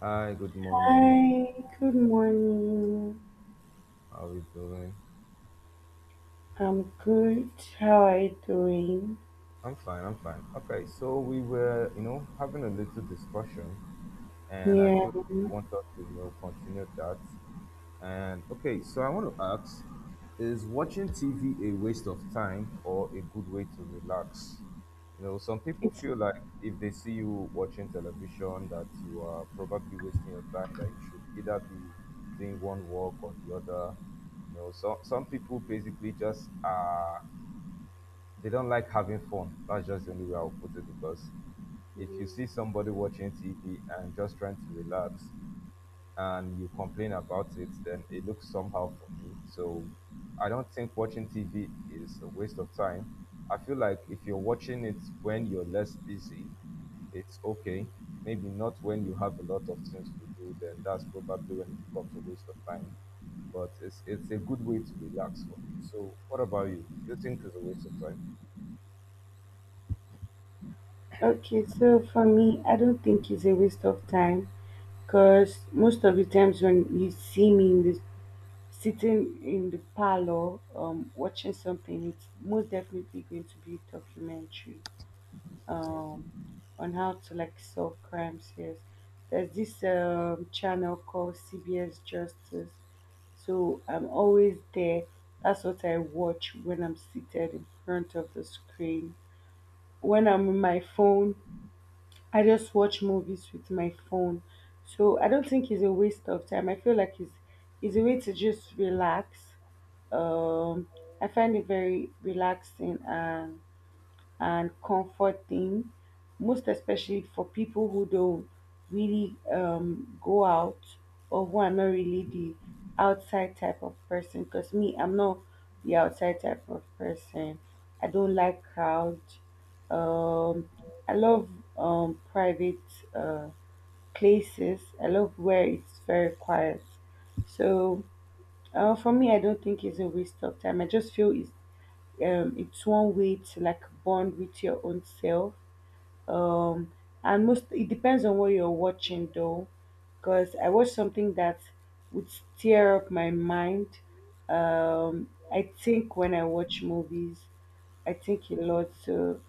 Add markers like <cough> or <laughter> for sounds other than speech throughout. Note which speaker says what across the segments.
Speaker 1: Hi, good morning.
Speaker 2: Hi, good morning.
Speaker 1: How are we doing?
Speaker 2: I'm good. How are you doing?
Speaker 1: I'm fine, I'm fine. Okay, so we were, having a little discussion, and I
Speaker 2: Yeah,
Speaker 1: feel I want us to, continue that. And okay, so I want to ask, is watching TV a waste of time or a good way to relax? Some people
Speaker 2: it's
Speaker 1: feel like if they see you watching television, that you are probably wasting your time, that you should either be doing one work or the other. So, some people basically just are they don't like having fun. That's just the only way I'll put it because if you see somebody watching TV and just trying to relax and you complain about it, then it looks somehow for me. So I don't think watching TV is a waste of time. I feel like if you're watching it when you're less busy, it's okay. Maybe not when you have a lot of things to do, then that's probably when it becomes a waste of time. But it's a good way to relax for me. So what about you? You think it's a waste of time?
Speaker 2: okay. So for me, I don't think it's a waste of time because most of the times when you see me in the sitting in the parlor, watching something, it's most definitely going to be a documentary.
Speaker 1: Okay.
Speaker 2: um, on how to like solve crimes here. There's this channel called CBS Justice, so I'm always there. That's what I watch when I'm seated in front of the screen. When I'm on my phone, I just watch movies with my phone. So I don't think it's a waste of time. I feel like it's a way to just relax. Um, I find it very relaxing and comforting, most especially for people who don't really go out or who are not really the outside type of person. Because me, I'm not the outside type of person. I don't like crowds. Um, I love private uh, places. I love where it's very quiet. So for me, I don't think it's a waste of time. I just feel it's one way to like bond with your own self. Um, and most it depends on what you're watching though, because I watched something that would stir up my mind. I think when I watch movies, I think a lot. So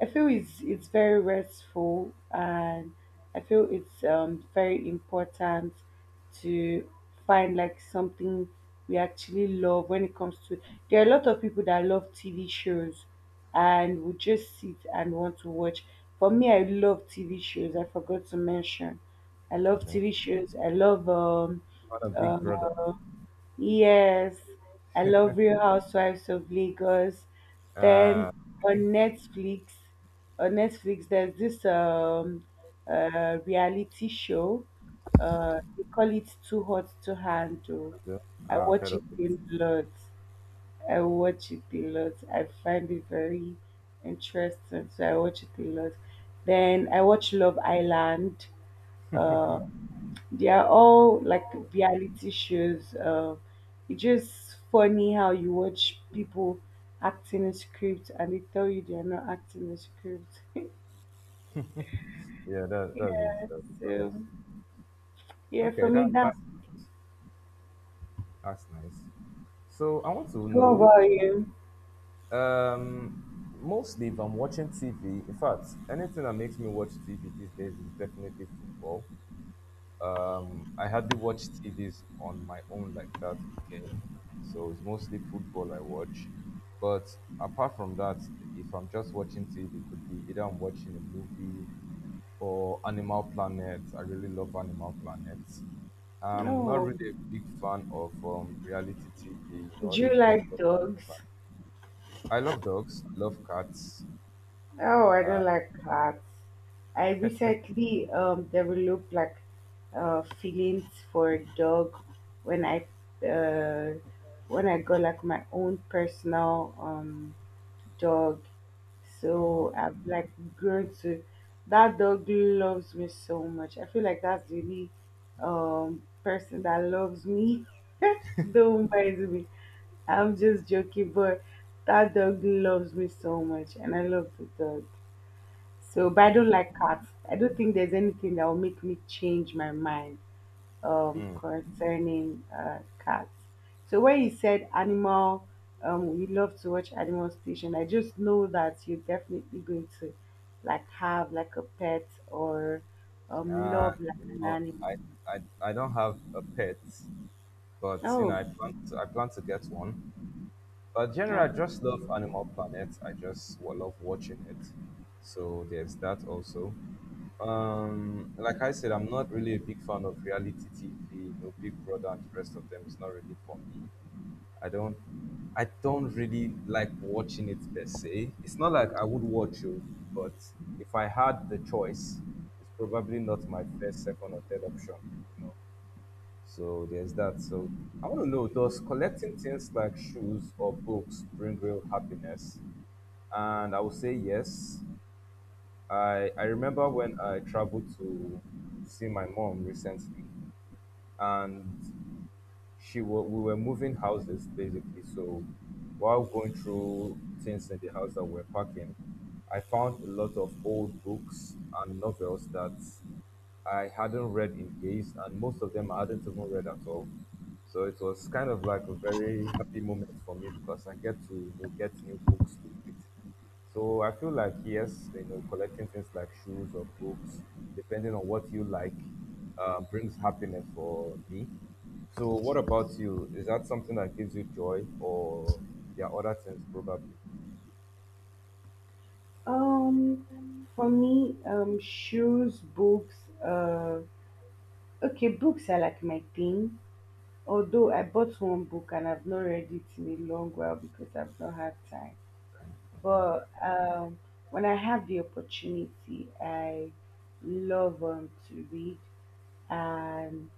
Speaker 2: I feel it's very restful, and I feel it's very important to find like something we actually love when it comes to. There are a lot of people that love TV shows, and would just sit and want to watch. For me, I love TV shows. I forgot to mention, I love
Speaker 1: Okay.
Speaker 2: TV shows. I love
Speaker 1: What a big brother.
Speaker 2: um Yes, I love Real Housewives of Lagos.
Speaker 1: Uh,
Speaker 2: Then
Speaker 1: I
Speaker 2: on
Speaker 1: think
Speaker 2: Netflix, on Netflix, there's this reality show. They call it Too Hot to Handle.
Speaker 1: Brazil.
Speaker 2: I
Speaker 1: I've heard
Speaker 2: watch it
Speaker 1: of it.
Speaker 2: a lot. I watch it a lot. I find it very interesting, so I watch it a lot. Then I watch Love Island. Uh, they are all like reality shows. It's just funny how you watch people acting a script and they tell you they are not acting a script. <laughs>
Speaker 1: Yeah, that that is
Speaker 2: Yeah,
Speaker 1: that is
Speaker 2: so
Speaker 1: honestly.
Speaker 2: yeah, for
Speaker 1: Okay, that
Speaker 2: me
Speaker 1: that
Speaker 2: that's.
Speaker 1: that's nice. So I want to
Speaker 2: What
Speaker 1: know.
Speaker 2: about you?
Speaker 1: Um, Mostly if I'm watching TV. In fact, anything that makes me watch TV these days is definitely football. I hardly watch TVs on my own like that again. So it's mostly football I watch. But apart from that, if I'm just watching TV, it could be either I'm watching a movie or Animal Planet. I really love Animal Planet. I'm not
Speaker 2: No,
Speaker 1: really a big fan of reality TV, all
Speaker 2: do you
Speaker 1: those big
Speaker 2: like
Speaker 1: programs.
Speaker 2: dogs?
Speaker 1: I love dogs, I love cats.
Speaker 2: Oh, I
Speaker 1: Uh,
Speaker 2: don't like cats. I recently developed like feelings for a dog when I uh, got like my own personal dog. So
Speaker 1: okay,
Speaker 2: I've like grown to that dog loves me so much. I feel like that's the only person that loves me. <laughs> Don't mind me. I'm just joking, but that dog loves me so much and I love the dog. So, but I
Speaker 1: okay.
Speaker 2: don't like cats. I don't think there's anything that will make me change my mind
Speaker 1: Mm.
Speaker 2: concerning cats. So, when you said animal, you love to watch Animal Station, I just know that you're definitely going to like have like a pet or
Speaker 1: Uh,
Speaker 2: love like an
Speaker 1: no, I,
Speaker 2: animal.
Speaker 1: I, I don't have a pet, but
Speaker 2: Oh,
Speaker 1: I plan to, get one. But
Speaker 2: yeah.
Speaker 1: generally, I just love Animal Planet. I just love watching it. So there's that also. Like I said, I'm not really a big fan of reality TV, Big Brother and the rest of them. It's not really for me. I don't, I don't really like watching it per se. It's not like I would watch it, but if I had the choice, it's probably not my first, second, or third option. You know, so there's that. So I want to know, does collecting things like shoes or books bring real happiness? And I will say yes. I remember when I traveled to see my mom recently, and she wa we were moving houses basically. So while going through things in the house that we're packing, I found a lot of old books and novels that I hadn't read in years, and most of them I hadn't even read at all. So it was kind of like a very happy moment for me because I get to get new books to read. So I feel like yes, collecting things like shoes or books, depending on what you like, brings happiness for me. So what about you? Is that something that gives you joy, or there are other things probably?
Speaker 2: Um, for me, shoes, books. Uh, okay, books are like my thing. Although I bought one book and I've not read it in a long while because I've not had time.
Speaker 1: Okay,
Speaker 2: But when I have the opportunity, I love to read. And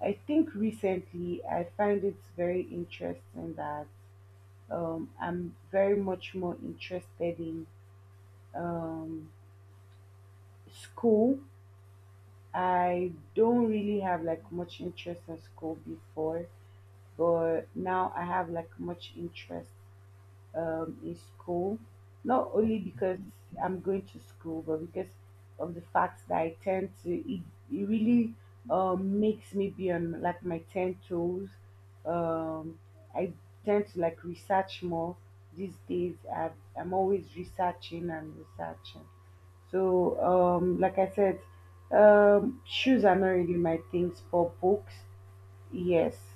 Speaker 2: I think recently I find it very interesting that I'm very much more interested in um, school. I don't really have like much interest in school before, but now I have like much interest in school, not only
Speaker 1: okay,
Speaker 2: because I'm going to school, but because of the fact that I tend to, it really makes me be on like my 10 toes. Um, I tend to like research more these days. I'm always researching and researching. So, like I said, shoes are not really my things. For books, yes.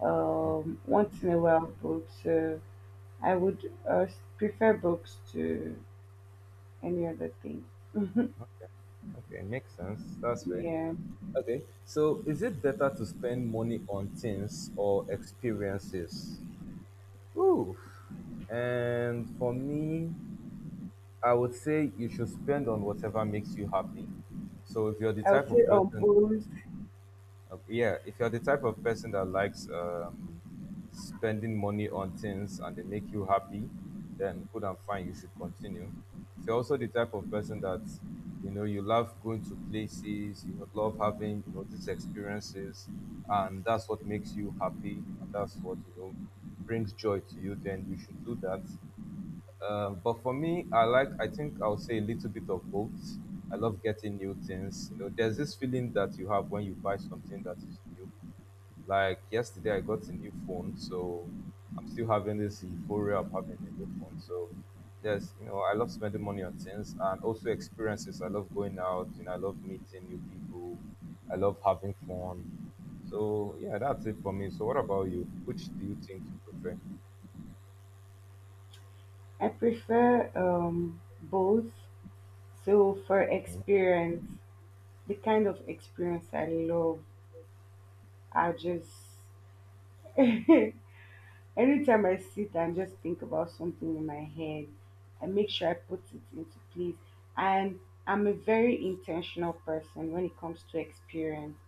Speaker 2: Once in a while, books. I would prefer books to any other thing. <laughs>
Speaker 1: okay, makes sense. That's fair.
Speaker 2: Yeah,
Speaker 1: Okay, so is it better to spend money on things or experiences? Ooh, and for me, I would say you should spend on whatever makes you happy. So if you're the
Speaker 2: I would
Speaker 1: type
Speaker 2: say
Speaker 1: of person,
Speaker 2: both.
Speaker 1: yeah, if you're the type of person that likes spending money on things and they make you happy, then good and fine, you should continue. If you're also the type of person that you love going to places, you love having these experiences, and that's what makes you happy, and that's what brings joy to you, then you should do that. But for me, I think I'll say a little bit of both. I love getting new things. There's this feeling that you have when you buy something that is new. Like yesterday, I got a new phone, so I'm still having this euphoria of having a new phone. So I love spending money on things and also experiences. I love going out, I love meeting new people. I love having fun. So yeah, that's it for me. So what about you? Which do you think you prefer?
Speaker 2: I prefer both. So for
Speaker 1: Okay.
Speaker 2: experience, the kind of experience I love, I just <laughs> anytime I sit and just think about something in my head, I make sure I put it into place. And I'm a very intentional person when it comes to experience.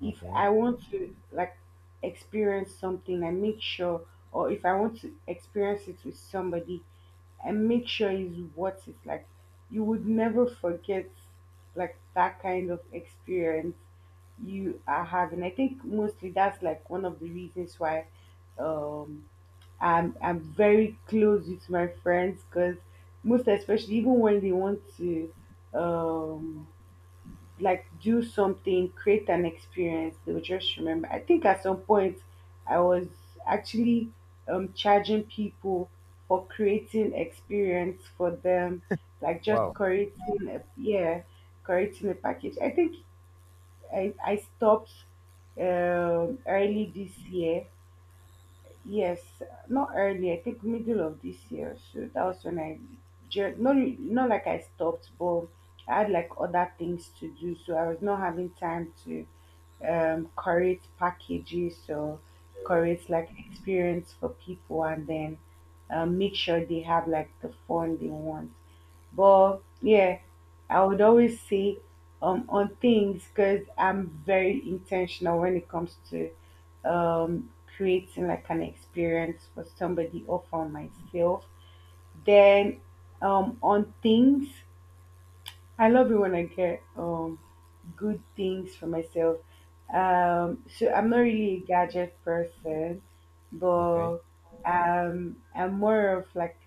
Speaker 2: If
Speaker 1: Okay.
Speaker 2: I want to like experience something, I make sure, or if I want to experience it with somebody, I make sure is what it's like. You would never forget like that kind of experience you are having. I think mostly that's like one of the reasons why um I'm very close with my friends because most especially even when they want to um like do something, create an experience, they'll just remember. I think at some point I was actually charging people for creating experience for them, like just
Speaker 1: Wow.
Speaker 2: creating a yeah, creating a package. I think I stopped early this year. Yes, not early. I think middle of this year. So that was when I, not like I stopped, but I had like other things to do. So I was not having time to create packages or
Speaker 1: Yeah.
Speaker 2: create like experience for people, and then make sure they have like the fun they want. But yeah, I would always say on things because I'm very intentional when it comes to creating like an experience for somebody or for myself. Then on things, I love it when I get good things for myself. So I'm not really a gadget person,
Speaker 1: Okay.
Speaker 2: but I'm more of like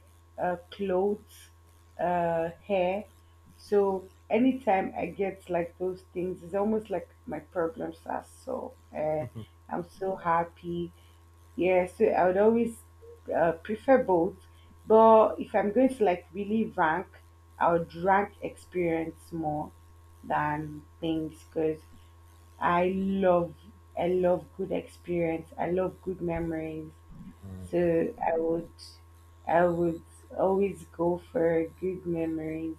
Speaker 2: clothes, hair. So anytime I get like those things, it's almost like my problems are solved, and I'm so happy. Yeah, so I would always prefer both. But if I'm going to like really rank, I would rank experience more than things because I love, I love good experience. I love good memories. So I would, I would always go for good memories.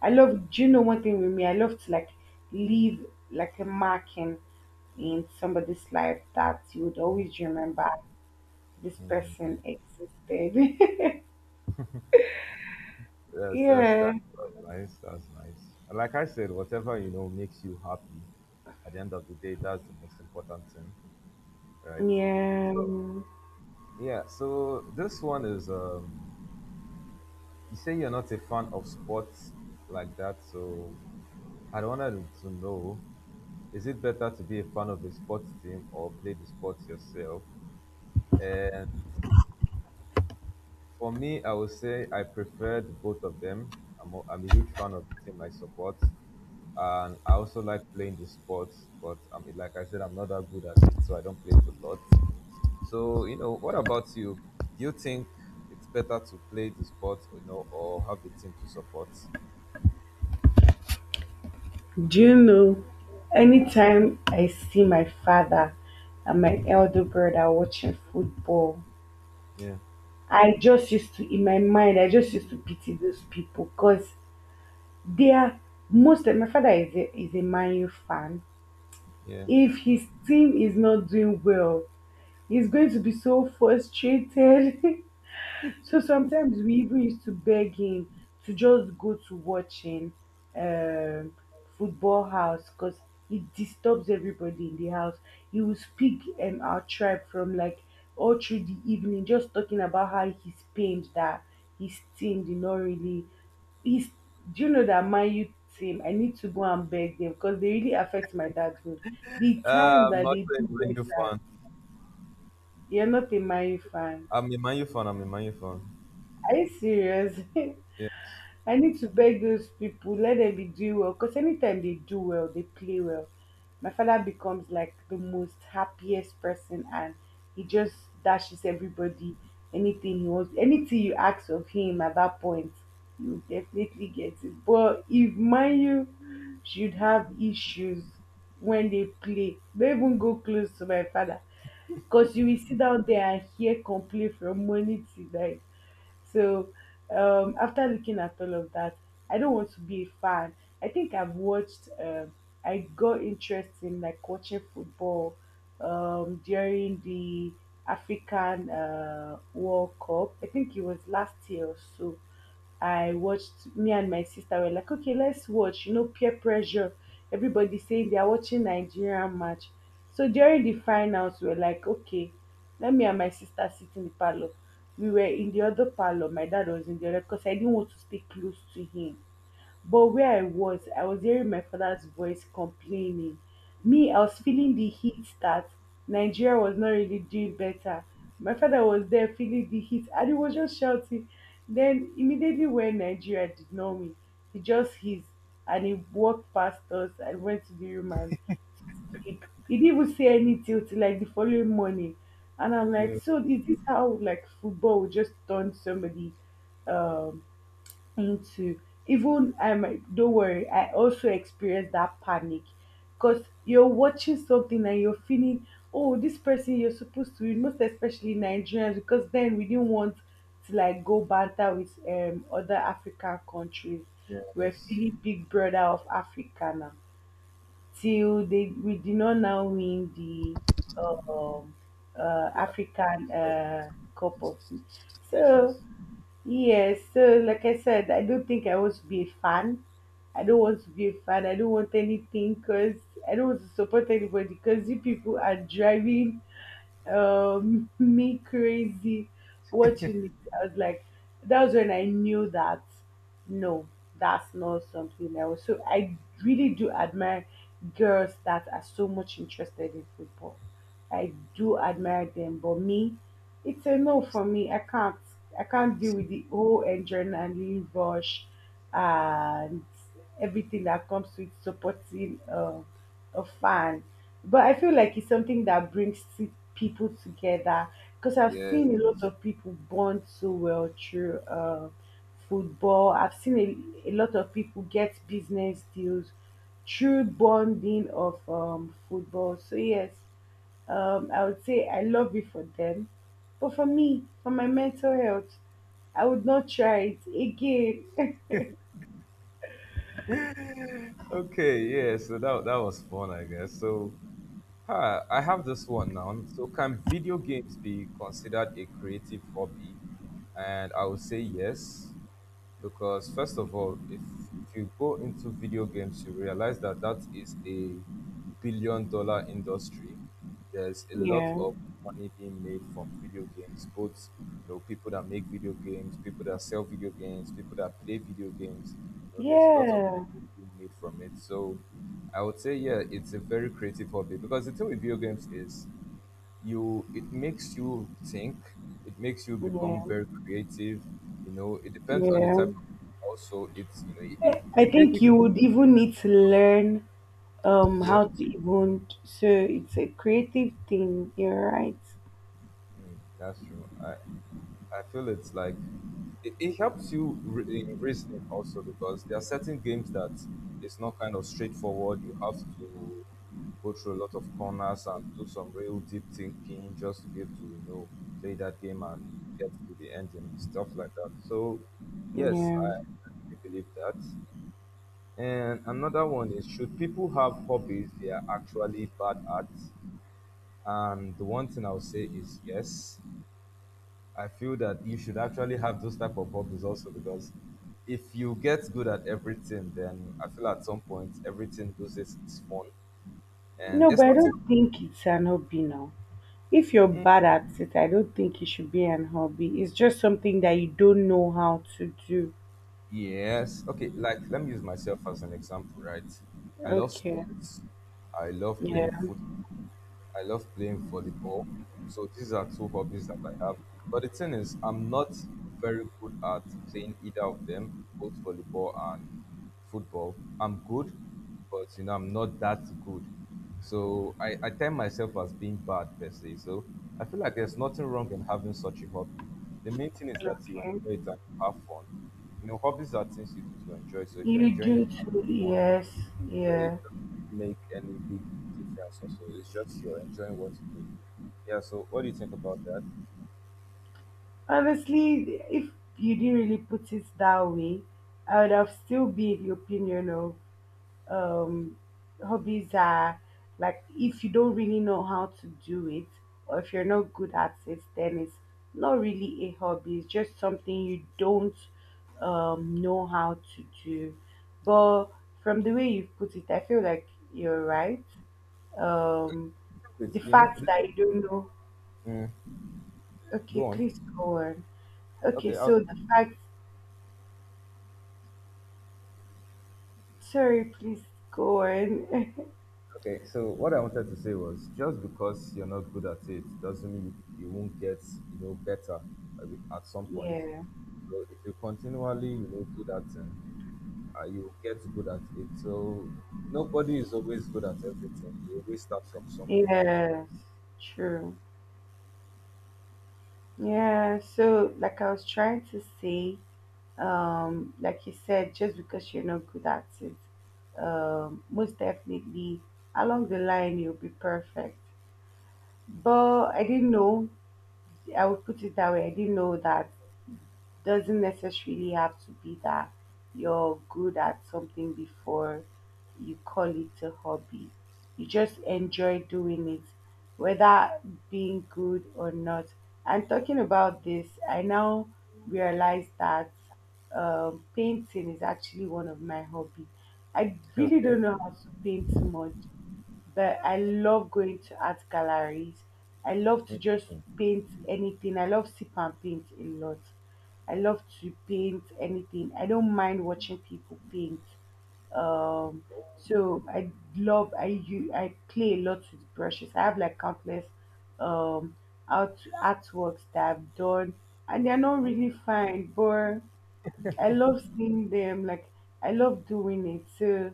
Speaker 2: I love. Do you know one thing with me? I love to like leave like a marking in somebody's life that you would
Speaker 1: Hmm.
Speaker 2: always remember this
Speaker 1: Mm.
Speaker 2: person existed. <laughs>
Speaker 1: That's that's
Speaker 2: yeah,
Speaker 1: that's that's nice. That's nice. And, like I said, whatever makes you happy. At the end of the day, that's the most important thing, right? So
Speaker 2: yeah.
Speaker 1: yeah. So this one is. You say you're not a fan of sports like that, so I wanted to know: is it better to be a fan of the sports team or play the sports yourself? For me, I would say I preferred both of them. I'm a huge fan of the team I support, and I also like playing the sports. But like I said, I'm not that good at it, so I don't play it a lot. So what about you? Do you think it's better to play the sport, or have a team to support?
Speaker 2: Do you know? Anytime I see my father and my elder brother watching football,
Speaker 1: Yeah,
Speaker 2: I just used to, in my mind, I just used to pity those people because they are most. My father is is a Man U fan.
Speaker 1: yeah.
Speaker 2: If his team is not doing well, he's going to be so frustrated. <laughs> So sometimes we even used to beg him to just go to watching um, football house because it disturbs everybody in the house. He will speak our tribe from like all through the evening, just talking about how he's pained that his team did not really. He's, do you know that my youth team? I need to go and beg them because they really affect my dad's mood. The time
Speaker 1: I'm
Speaker 2: that
Speaker 1: not
Speaker 2: they
Speaker 1: a
Speaker 2: do
Speaker 1: Man U
Speaker 2: better,
Speaker 1: fan.
Speaker 2: you're not a my fan.
Speaker 1: I'm a Man U fan. I'm a Man U fan.
Speaker 2: Are you serious? <laughs>
Speaker 1: Yes,
Speaker 2: I need to beg those people, let them be doing well. Because anytime they do well, they play well. My father becomes like the most happiest person and he just dashes everybody anything he wants. Anything you ask of him at that point, you definitely get it. But if mind you should have issues when they play, they even go close to my father because you will sit down there and hear complain from morning till night. So after looking at all of that, I don't want to be a fan. I think I've watched. I got interest in like watching football during the African World Cup. I think it was last year or so. I watched, me and my sister were like, okay, let's watch, you know, peer pressure. Everybody saying they are watching Nigerian match. So during the finals, we were like, okay, let me and my sister sit in the parlor. We were in the other parlor. My dad was in the other because I didn't want to stay close to him. But where I was hearing my father's voice complaining. Me, I was feeling the heat that Nigeria was not really doing better. My father was there feeling the heat and he was just shouting. Then, immediately when Nigeria did not win, he just hissed and he walked past us and went to the room and sleep. He didn't even say anything till like the following morning. And I'm like,
Speaker 1: yeah,
Speaker 2: so is this how like football will just turn somebody um into even don't worry, I also experienced that panic because you're watching something and you're feeling, oh this person you're supposed to, most especially Nigerians, because then we didn't want to like go banter with other African countries. We're
Speaker 1: yes.
Speaker 2: feeling big brother of Africa now till they we did not now win the um african
Speaker 1: So,
Speaker 2: cup of so
Speaker 1: nations.
Speaker 2: Yes, so like I said, I don't think I want to be a fan. I don't want to be a fan. I don't want anything because I don't want to support anybody because you people are driving <laughs> me crazy watching it. I was like, that was when I knew that no, that's not something I was. So I really do admire girls that are so much interested in football. I do admire them, but me. It's a no for me. I can't. I can't deal with the whole adrenaline rush and everything that comes with supporting a fan. But I feel like it's something that brings people together because I've
Speaker 1: Yes.
Speaker 2: seen a lot of people bond so well through football. I've seen a lot of people get business deals through bonding of football. So yes, I would say I love it for them. But for me, for my mental health, I would not try it again. <laughs>
Speaker 1: Okay, yeah, so that was fun, I guess. So, I have this one now. So, can video games be considered a creative hobby? And I would say yes, because first of all, if you go into video games, you realize that that is a billion dollar industry. There's a lot
Speaker 2: Yeah,
Speaker 1: of money being made from video games, both people that make video games, people that sell video games, people that play video games. There's a lot of
Speaker 2: yeah,
Speaker 1: money being made from it. So I would say yeah, it's a very creative hobby, because the thing with video games is you it makes you think, it makes you become
Speaker 2: yeah,
Speaker 1: very creative. It depends on the
Speaker 2: yeah.
Speaker 1: type of. Also, it's it, it,
Speaker 2: I
Speaker 1: it
Speaker 2: think
Speaker 1: basically.
Speaker 2: you would even need to learn
Speaker 1: Yeah.
Speaker 2: how to even, so it's a creative thing, you're right.
Speaker 1: Mm, that's true. I feel it's like it helps you in reasoning also, because there are certain games that it's not kind of straightforward. You have to go through a lot of corners and do some real deep thinking just to be able to play that game and get to the ending and stuff like that. So yes,
Speaker 2: Yeah.
Speaker 1: I really believe that. And another one is, should people have hobbies they are actually bad at? And the one thing I'll say is yes. I feel that you should actually have those type of hobbies also, because if you get good at everything, then I feel at some point everything loses its fun. And
Speaker 2: No,
Speaker 1: there's
Speaker 2: but I
Speaker 1: nothing.
Speaker 2: don't think it's an hobby now. If you're bad at it, I don't think it should be an hobby. It's just something that you don't know how to do.
Speaker 1: Yes. Okay. Like, let me use myself as an example, right? I love
Speaker 2: Okay.
Speaker 1: sports. I love
Speaker 2: Yeah.
Speaker 1: playing football. I love playing volleyball. So these are two hobbies that I have. But the thing is, I'm not very good at playing either of them, both volleyball and football. I'm good, but I'm not that good. So I tell myself as being bad per se. So I feel like there's nothing wrong in having such a hobby. The main thing is that you
Speaker 2: Okay.
Speaker 1: enjoy it and you have fun. Hobbies are things you do to enjoy. So if you're
Speaker 2: You
Speaker 1: enjoying it,
Speaker 2: do too, yes,
Speaker 1: so it
Speaker 2: yeah.
Speaker 1: doesn't make any big difference. Also, it's just you're enjoying what you do. Yeah. So, what do you think about that?
Speaker 2: Honestly, if you didn't really put it that way, I would have still been the opinion of um, hobbies are, like if you don't really know how to do it or if you're not good at it, then it's not really a hobby. It's just something you don't know how to do. But from the way you've put it, I feel like you're right. Um, the
Speaker 1: It's, you know,
Speaker 2: fact
Speaker 1: th-
Speaker 2: that you don't know.
Speaker 1: Mm.
Speaker 2: Okay,
Speaker 1: Go on.
Speaker 2: please go on. Okay,
Speaker 1: Okay,
Speaker 2: so the fact, sorry, please go on. <laughs>
Speaker 1: okay. So what I wanted to say was, just because you're not good at it doesn't mean you won't get better at at some point.
Speaker 2: Yeah,
Speaker 1: So if you continually do that thing, you will get good at it. So nobody is always good at everything. You always start from somewhere.
Speaker 2: yes, true. Yeah, so like I was trying to say, like you said, just because you're not good at it, most definitely along the line you'll be perfect.
Speaker 1: Sure.
Speaker 2: But I didn't know, I would put it that way, I didn't know that doesn't necessarily have to be that you're good at something before you call it a hobby. You just enjoy doing it, whether being good or not. And talking about this, I now realize that painting is actually one of my hobby. I
Speaker 1: <laughs>
Speaker 2: really don't
Speaker 1: Okay.
Speaker 2: know how to paint much, but I love going to art galleries. I love to
Speaker 1: Mm,
Speaker 2: just
Speaker 1: mm.
Speaker 2: paint anything. I love sip and paint a lot. I love to paint anything. I don't mind watching people paint. Um, so I love, I play a lot with brushes. I have like countless um artworks that I've done, and they're not really fine, but I love seeing them. Like I love doing it. So.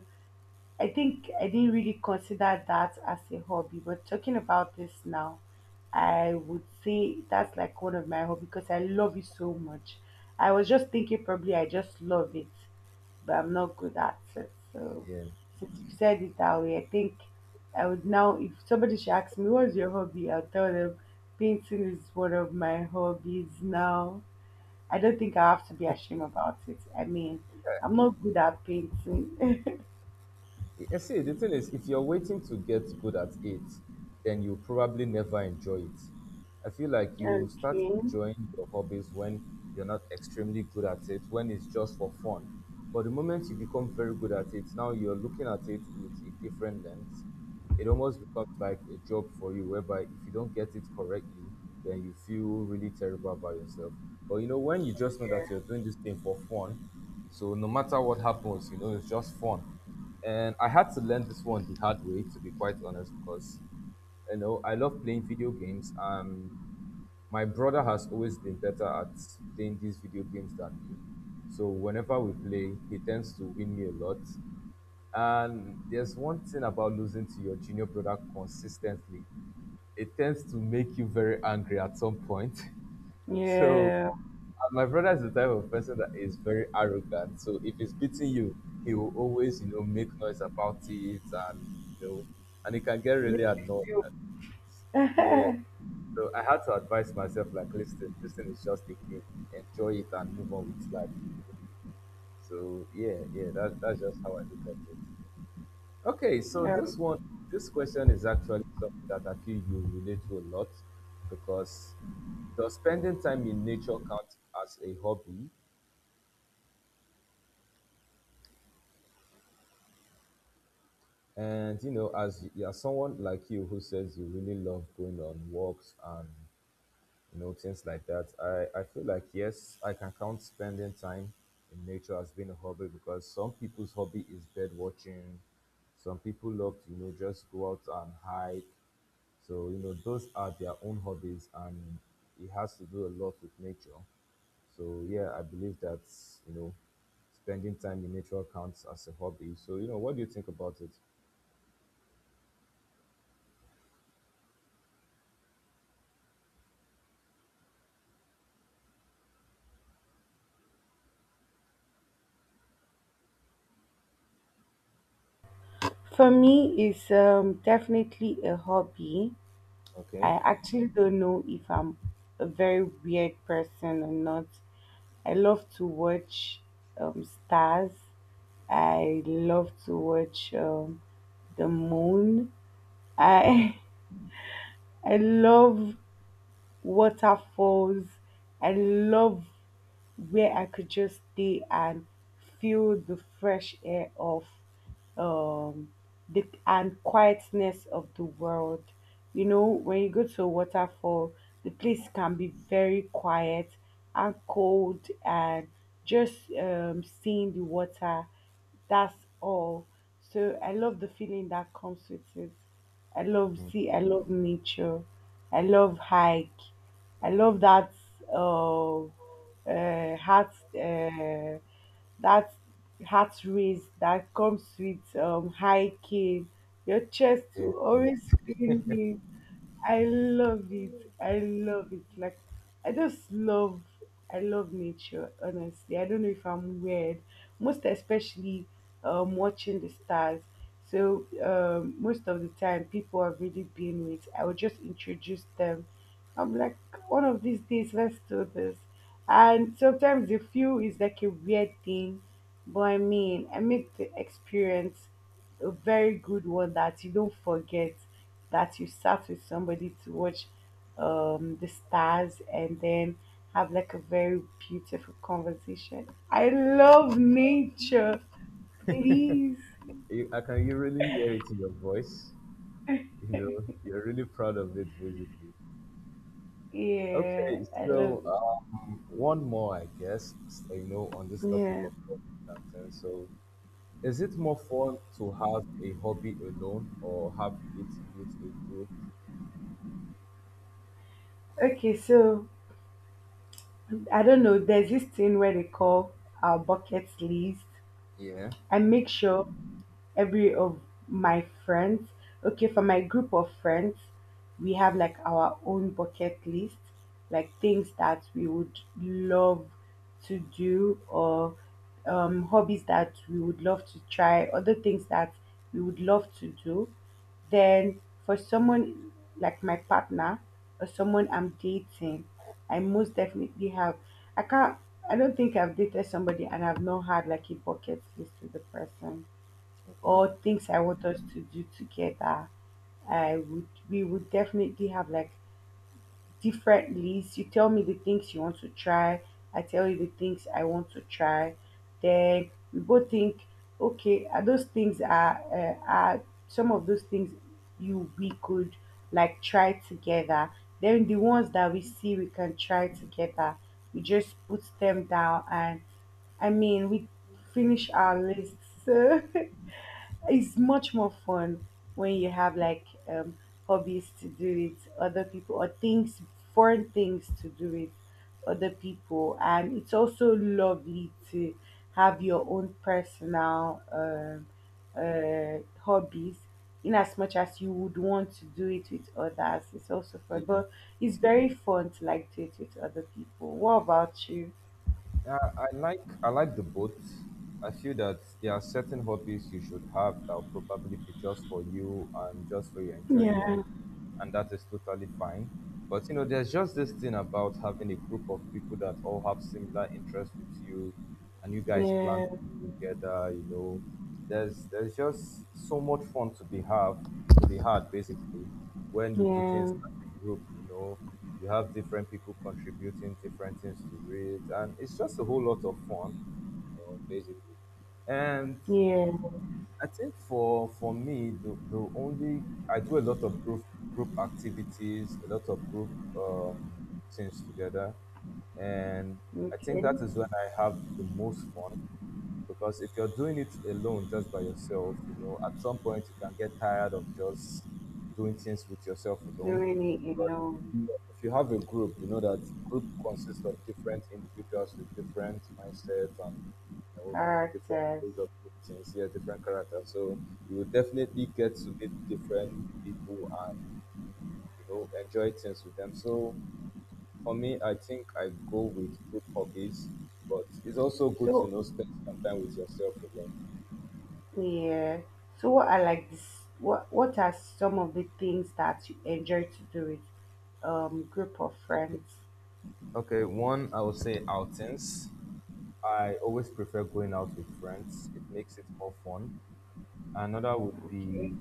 Speaker 2: I think I didn't really consider that as a hobby, but talking about this now, I would say that's like one of my hobby because I love it so much. I was just thinking probably I just love it, but I'm not good at it. So
Speaker 1: Yeah.
Speaker 2: since you said it that way, I think I would now, if somebody should ask me what's your hobby, I'll tell them painting is one of my hobbies now. I don't think I have to be ashamed about it. I mean, I'm not good at painting. <laughs>
Speaker 1: I see, the thing is, if you're waiting to get good at it, then you probably never enjoy it. I feel like you start
Speaker 2: Okay.
Speaker 1: enjoying your hobbies when you're not extremely good at it, when it's just for fun. But the moment you become very good at it, now you're looking at it with a different lens. It almost becomes like a job for you, whereby if you don't get it correctly, then you feel really terrible about yourself. When you just know that you're doing this thing for fun, so no matter what happens, it's just fun. And I had to learn this one the hard way, to be quite honest, because you know I love playing video games. My brother has always been better at playing these video games than me. So whenever we play, he tends to win me a lot. And there's one thing about losing to your junior brother consistently. It tends to make you very angry at some point. <laughs> So
Speaker 2: Yeah,
Speaker 1: and my brother is the type of person that is very arrogant. So if he's beating you, he will always, you know, make noise about it and you know and he can get really
Speaker 2: make
Speaker 1: annoyed.
Speaker 2: you
Speaker 1: And, yeah. So I had to advise myself like listen, this thing is just a game. Enjoy it and move on with life, you know. So yeah, yeah, that's just how I look at it. Okay,
Speaker 2: feel.
Speaker 1: so this one this question is actually something that I feel you relate to a lot because does spending time in nature count as a hobby? And you know, as you as someone like you who says you really love going on walks and you know things like that, I feel like yes, I can count spending time in nature as being a hobby because some people's hobby is bird watching, some people love to you know just go out and hike. So you know those are their own hobbies, and it has to do a lot with nature. So yeah, I believe that you know spending time in nature counts as a hobby. So you know, what do you think about it?
Speaker 2: For me, it's definitely a hobby.
Speaker 1: Okay.
Speaker 2: I actually don't know if I'm a very weird person or not. I love to watch stars. I love to watch the moon. I <laughs> I love waterfalls. I love where I could just stay and feel the fresh air of um the and quietness of the world. You know, when you go to a waterfall, the place can be very quiet and cold and just seeing the water, that's all. So I love the feeling that comes with it. I love see, I love nature. I love hike. I love that uh, heart uh, that heart race that comes with hiking. Your chest will always
Speaker 1: Yes.
Speaker 2: spinning. I love it. I love it. Like I just love, I love nature, honestly. I don't know if I'm weird. Most especially watching the stars. So most of the time, people are really being with, I would just introduce them. I'm like, one of these days, let's do this. And sometimes the feel is like a weird thing, but I mean, I make the experience a very good one that you don't forget, that you sat with somebody to watch the stars and then have like a very beautiful conversation. I love nature, please.
Speaker 1: You, I can you really hear it in your voice. You know, you're really proud of it, basically.
Speaker 2: Yeah,
Speaker 1: Okay,
Speaker 2: I love it.
Speaker 1: so one more, I guess, you know, on this topic
Speaker 2: Yeah.
Speaker 1: of hobbies and things. So, is it more fun to have a hobby alone or have it with a group?
Speaker 2: Okay, so I don't know. There's this thing where they call our bucket list.
Speaker 1: Yeah.
Speaker 2: I make sure every of my friends. Okay, for my group of friends, we have like our own bucket list, like things that we would love to do or hobbies that we would love to try, other things that we would love to do. Then for someone like my partner or someone I'm dating, I most definitely have. I can't. I don't think I've dated somebody and I've not had like a bucket list with the person
Speaker 1: Okay.
Speaker 2: or things I want us to do together. I would, we would definitely have like different lists. You tell me the things you want to try, I tell you the things I want to try. Then we both think, okay, are those things are, are some of those things you we could like try together. Then the ones that we see we can try together, we just put them down and I mean we finish our lists. <laughs> It's much more fun when you have like hobbies to do it, other people, or things, foreign things to do with other people. And it's also lovely to have your own personal hobbies, in as much as you would want to do it with others. It's also
Speaker 1: Yeah,
Speaker 2: fun, but it's very fun to like do it with other people. What about you?
Speaker 1: I, I I like the both. I feel that there are certain hobbies you should have that will probably be just for you and just for your
Speaker 2: Yeah,
Speaker 1: enjoyment. And that is totally fine. But you know, there's just this thing about having a group of people that all have similar interests with you, and you guys plan
Speaker 2: yeah,
Speaker 1: things together. You know, there's just so much fun to be have to be had basically when you do things
Speaker 2: yeah,
Speaker 1: as a group. You know, you have different people contributing different things to it, and it's just a whole lot of fun. You know, basically. And
Speaker 2: yeah.
Speaker 1: I think for me, the only I do a lot of group activities, a lot of group um, things together, and I think
Speaker 2: Okay.
Speaker 1: that is when I have the most fun because if you're doing it alone just by yourself you know at some point you can get tired of just doing things with yourself alone
Speaker 2: Really
Speaker 1: but
Speaker 2: alone,
Speaker 1: if you have a group you know that group consists of different individuals with different mindsets and you know, different
Speaker 2: characters.
Speaker 1: ways of doing things, yeah, different characters, so you will definitely get to meet different people and you know enjoy things with them. So for me I think I go with group hobbies, but it's also good to you
Speaker 2: So
Speaker 1: know spend some time with yourself alone.
Speaker 2: yeah. So what are like this, what are some of the things that you enjoy to do with group of friends?
Speaker 1: Okay, one, I would say outings. I always prefer going out with friends, it makes it more fun. Another would
Speaker 2: Okay.
Speaker 1: be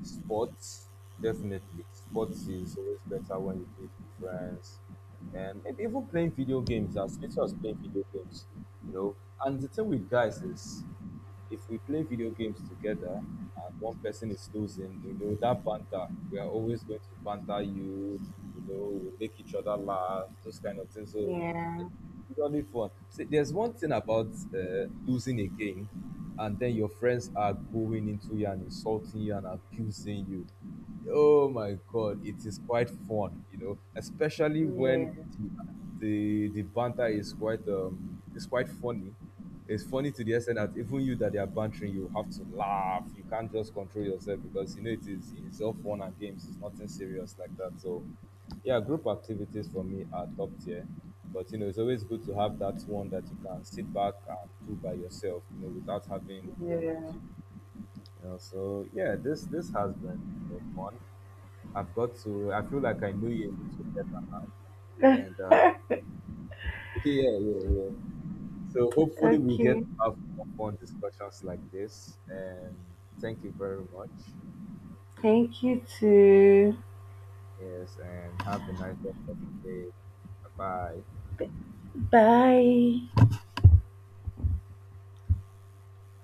Speaker 1: sports, definitely. Sports is always better when you do it with friends. And maybe even playing video games, as little as playing video games, you know. And the thing with guys is if we play video games together and one person is losing, you know that banter. We are always going to banter you. You know, we make each other laugh. Those kind of things. So
Speaker 2: Yeah,
Speaker 1: it's really fun. See, there's one thing about losing a game, and then your friends are going into you and insulting you and abusing you. Oh my God, it is quite fun, you know, especially when
Speaker 2: yeah,
Speaker 1: the banter is quite it's quite funny. It's funny to the extent that even you that they are bantering, you have to laugh. You can't just control yourself because you know it's all fun and games. It's nothing serious like that. So yeah, group activities for me are top tier. But you know, it's always good to have that one that you can sit back and do by yourself, you know, without having group with
Speaker 2: yeah.
Speaker 1: you. You know, so yeah, this has been you know, fun. I feel like I know you a little better now. And yeah, yeah, yeah. So hopefully we get
Speaker 2: Okay.
Speaker 1: to have more fun discussions like this. And thank you very much.
Speaker 2: Thank you too.
Speaker 1: Yes, and have a nice rest of the day. Bye.
Speaker 2: Bye.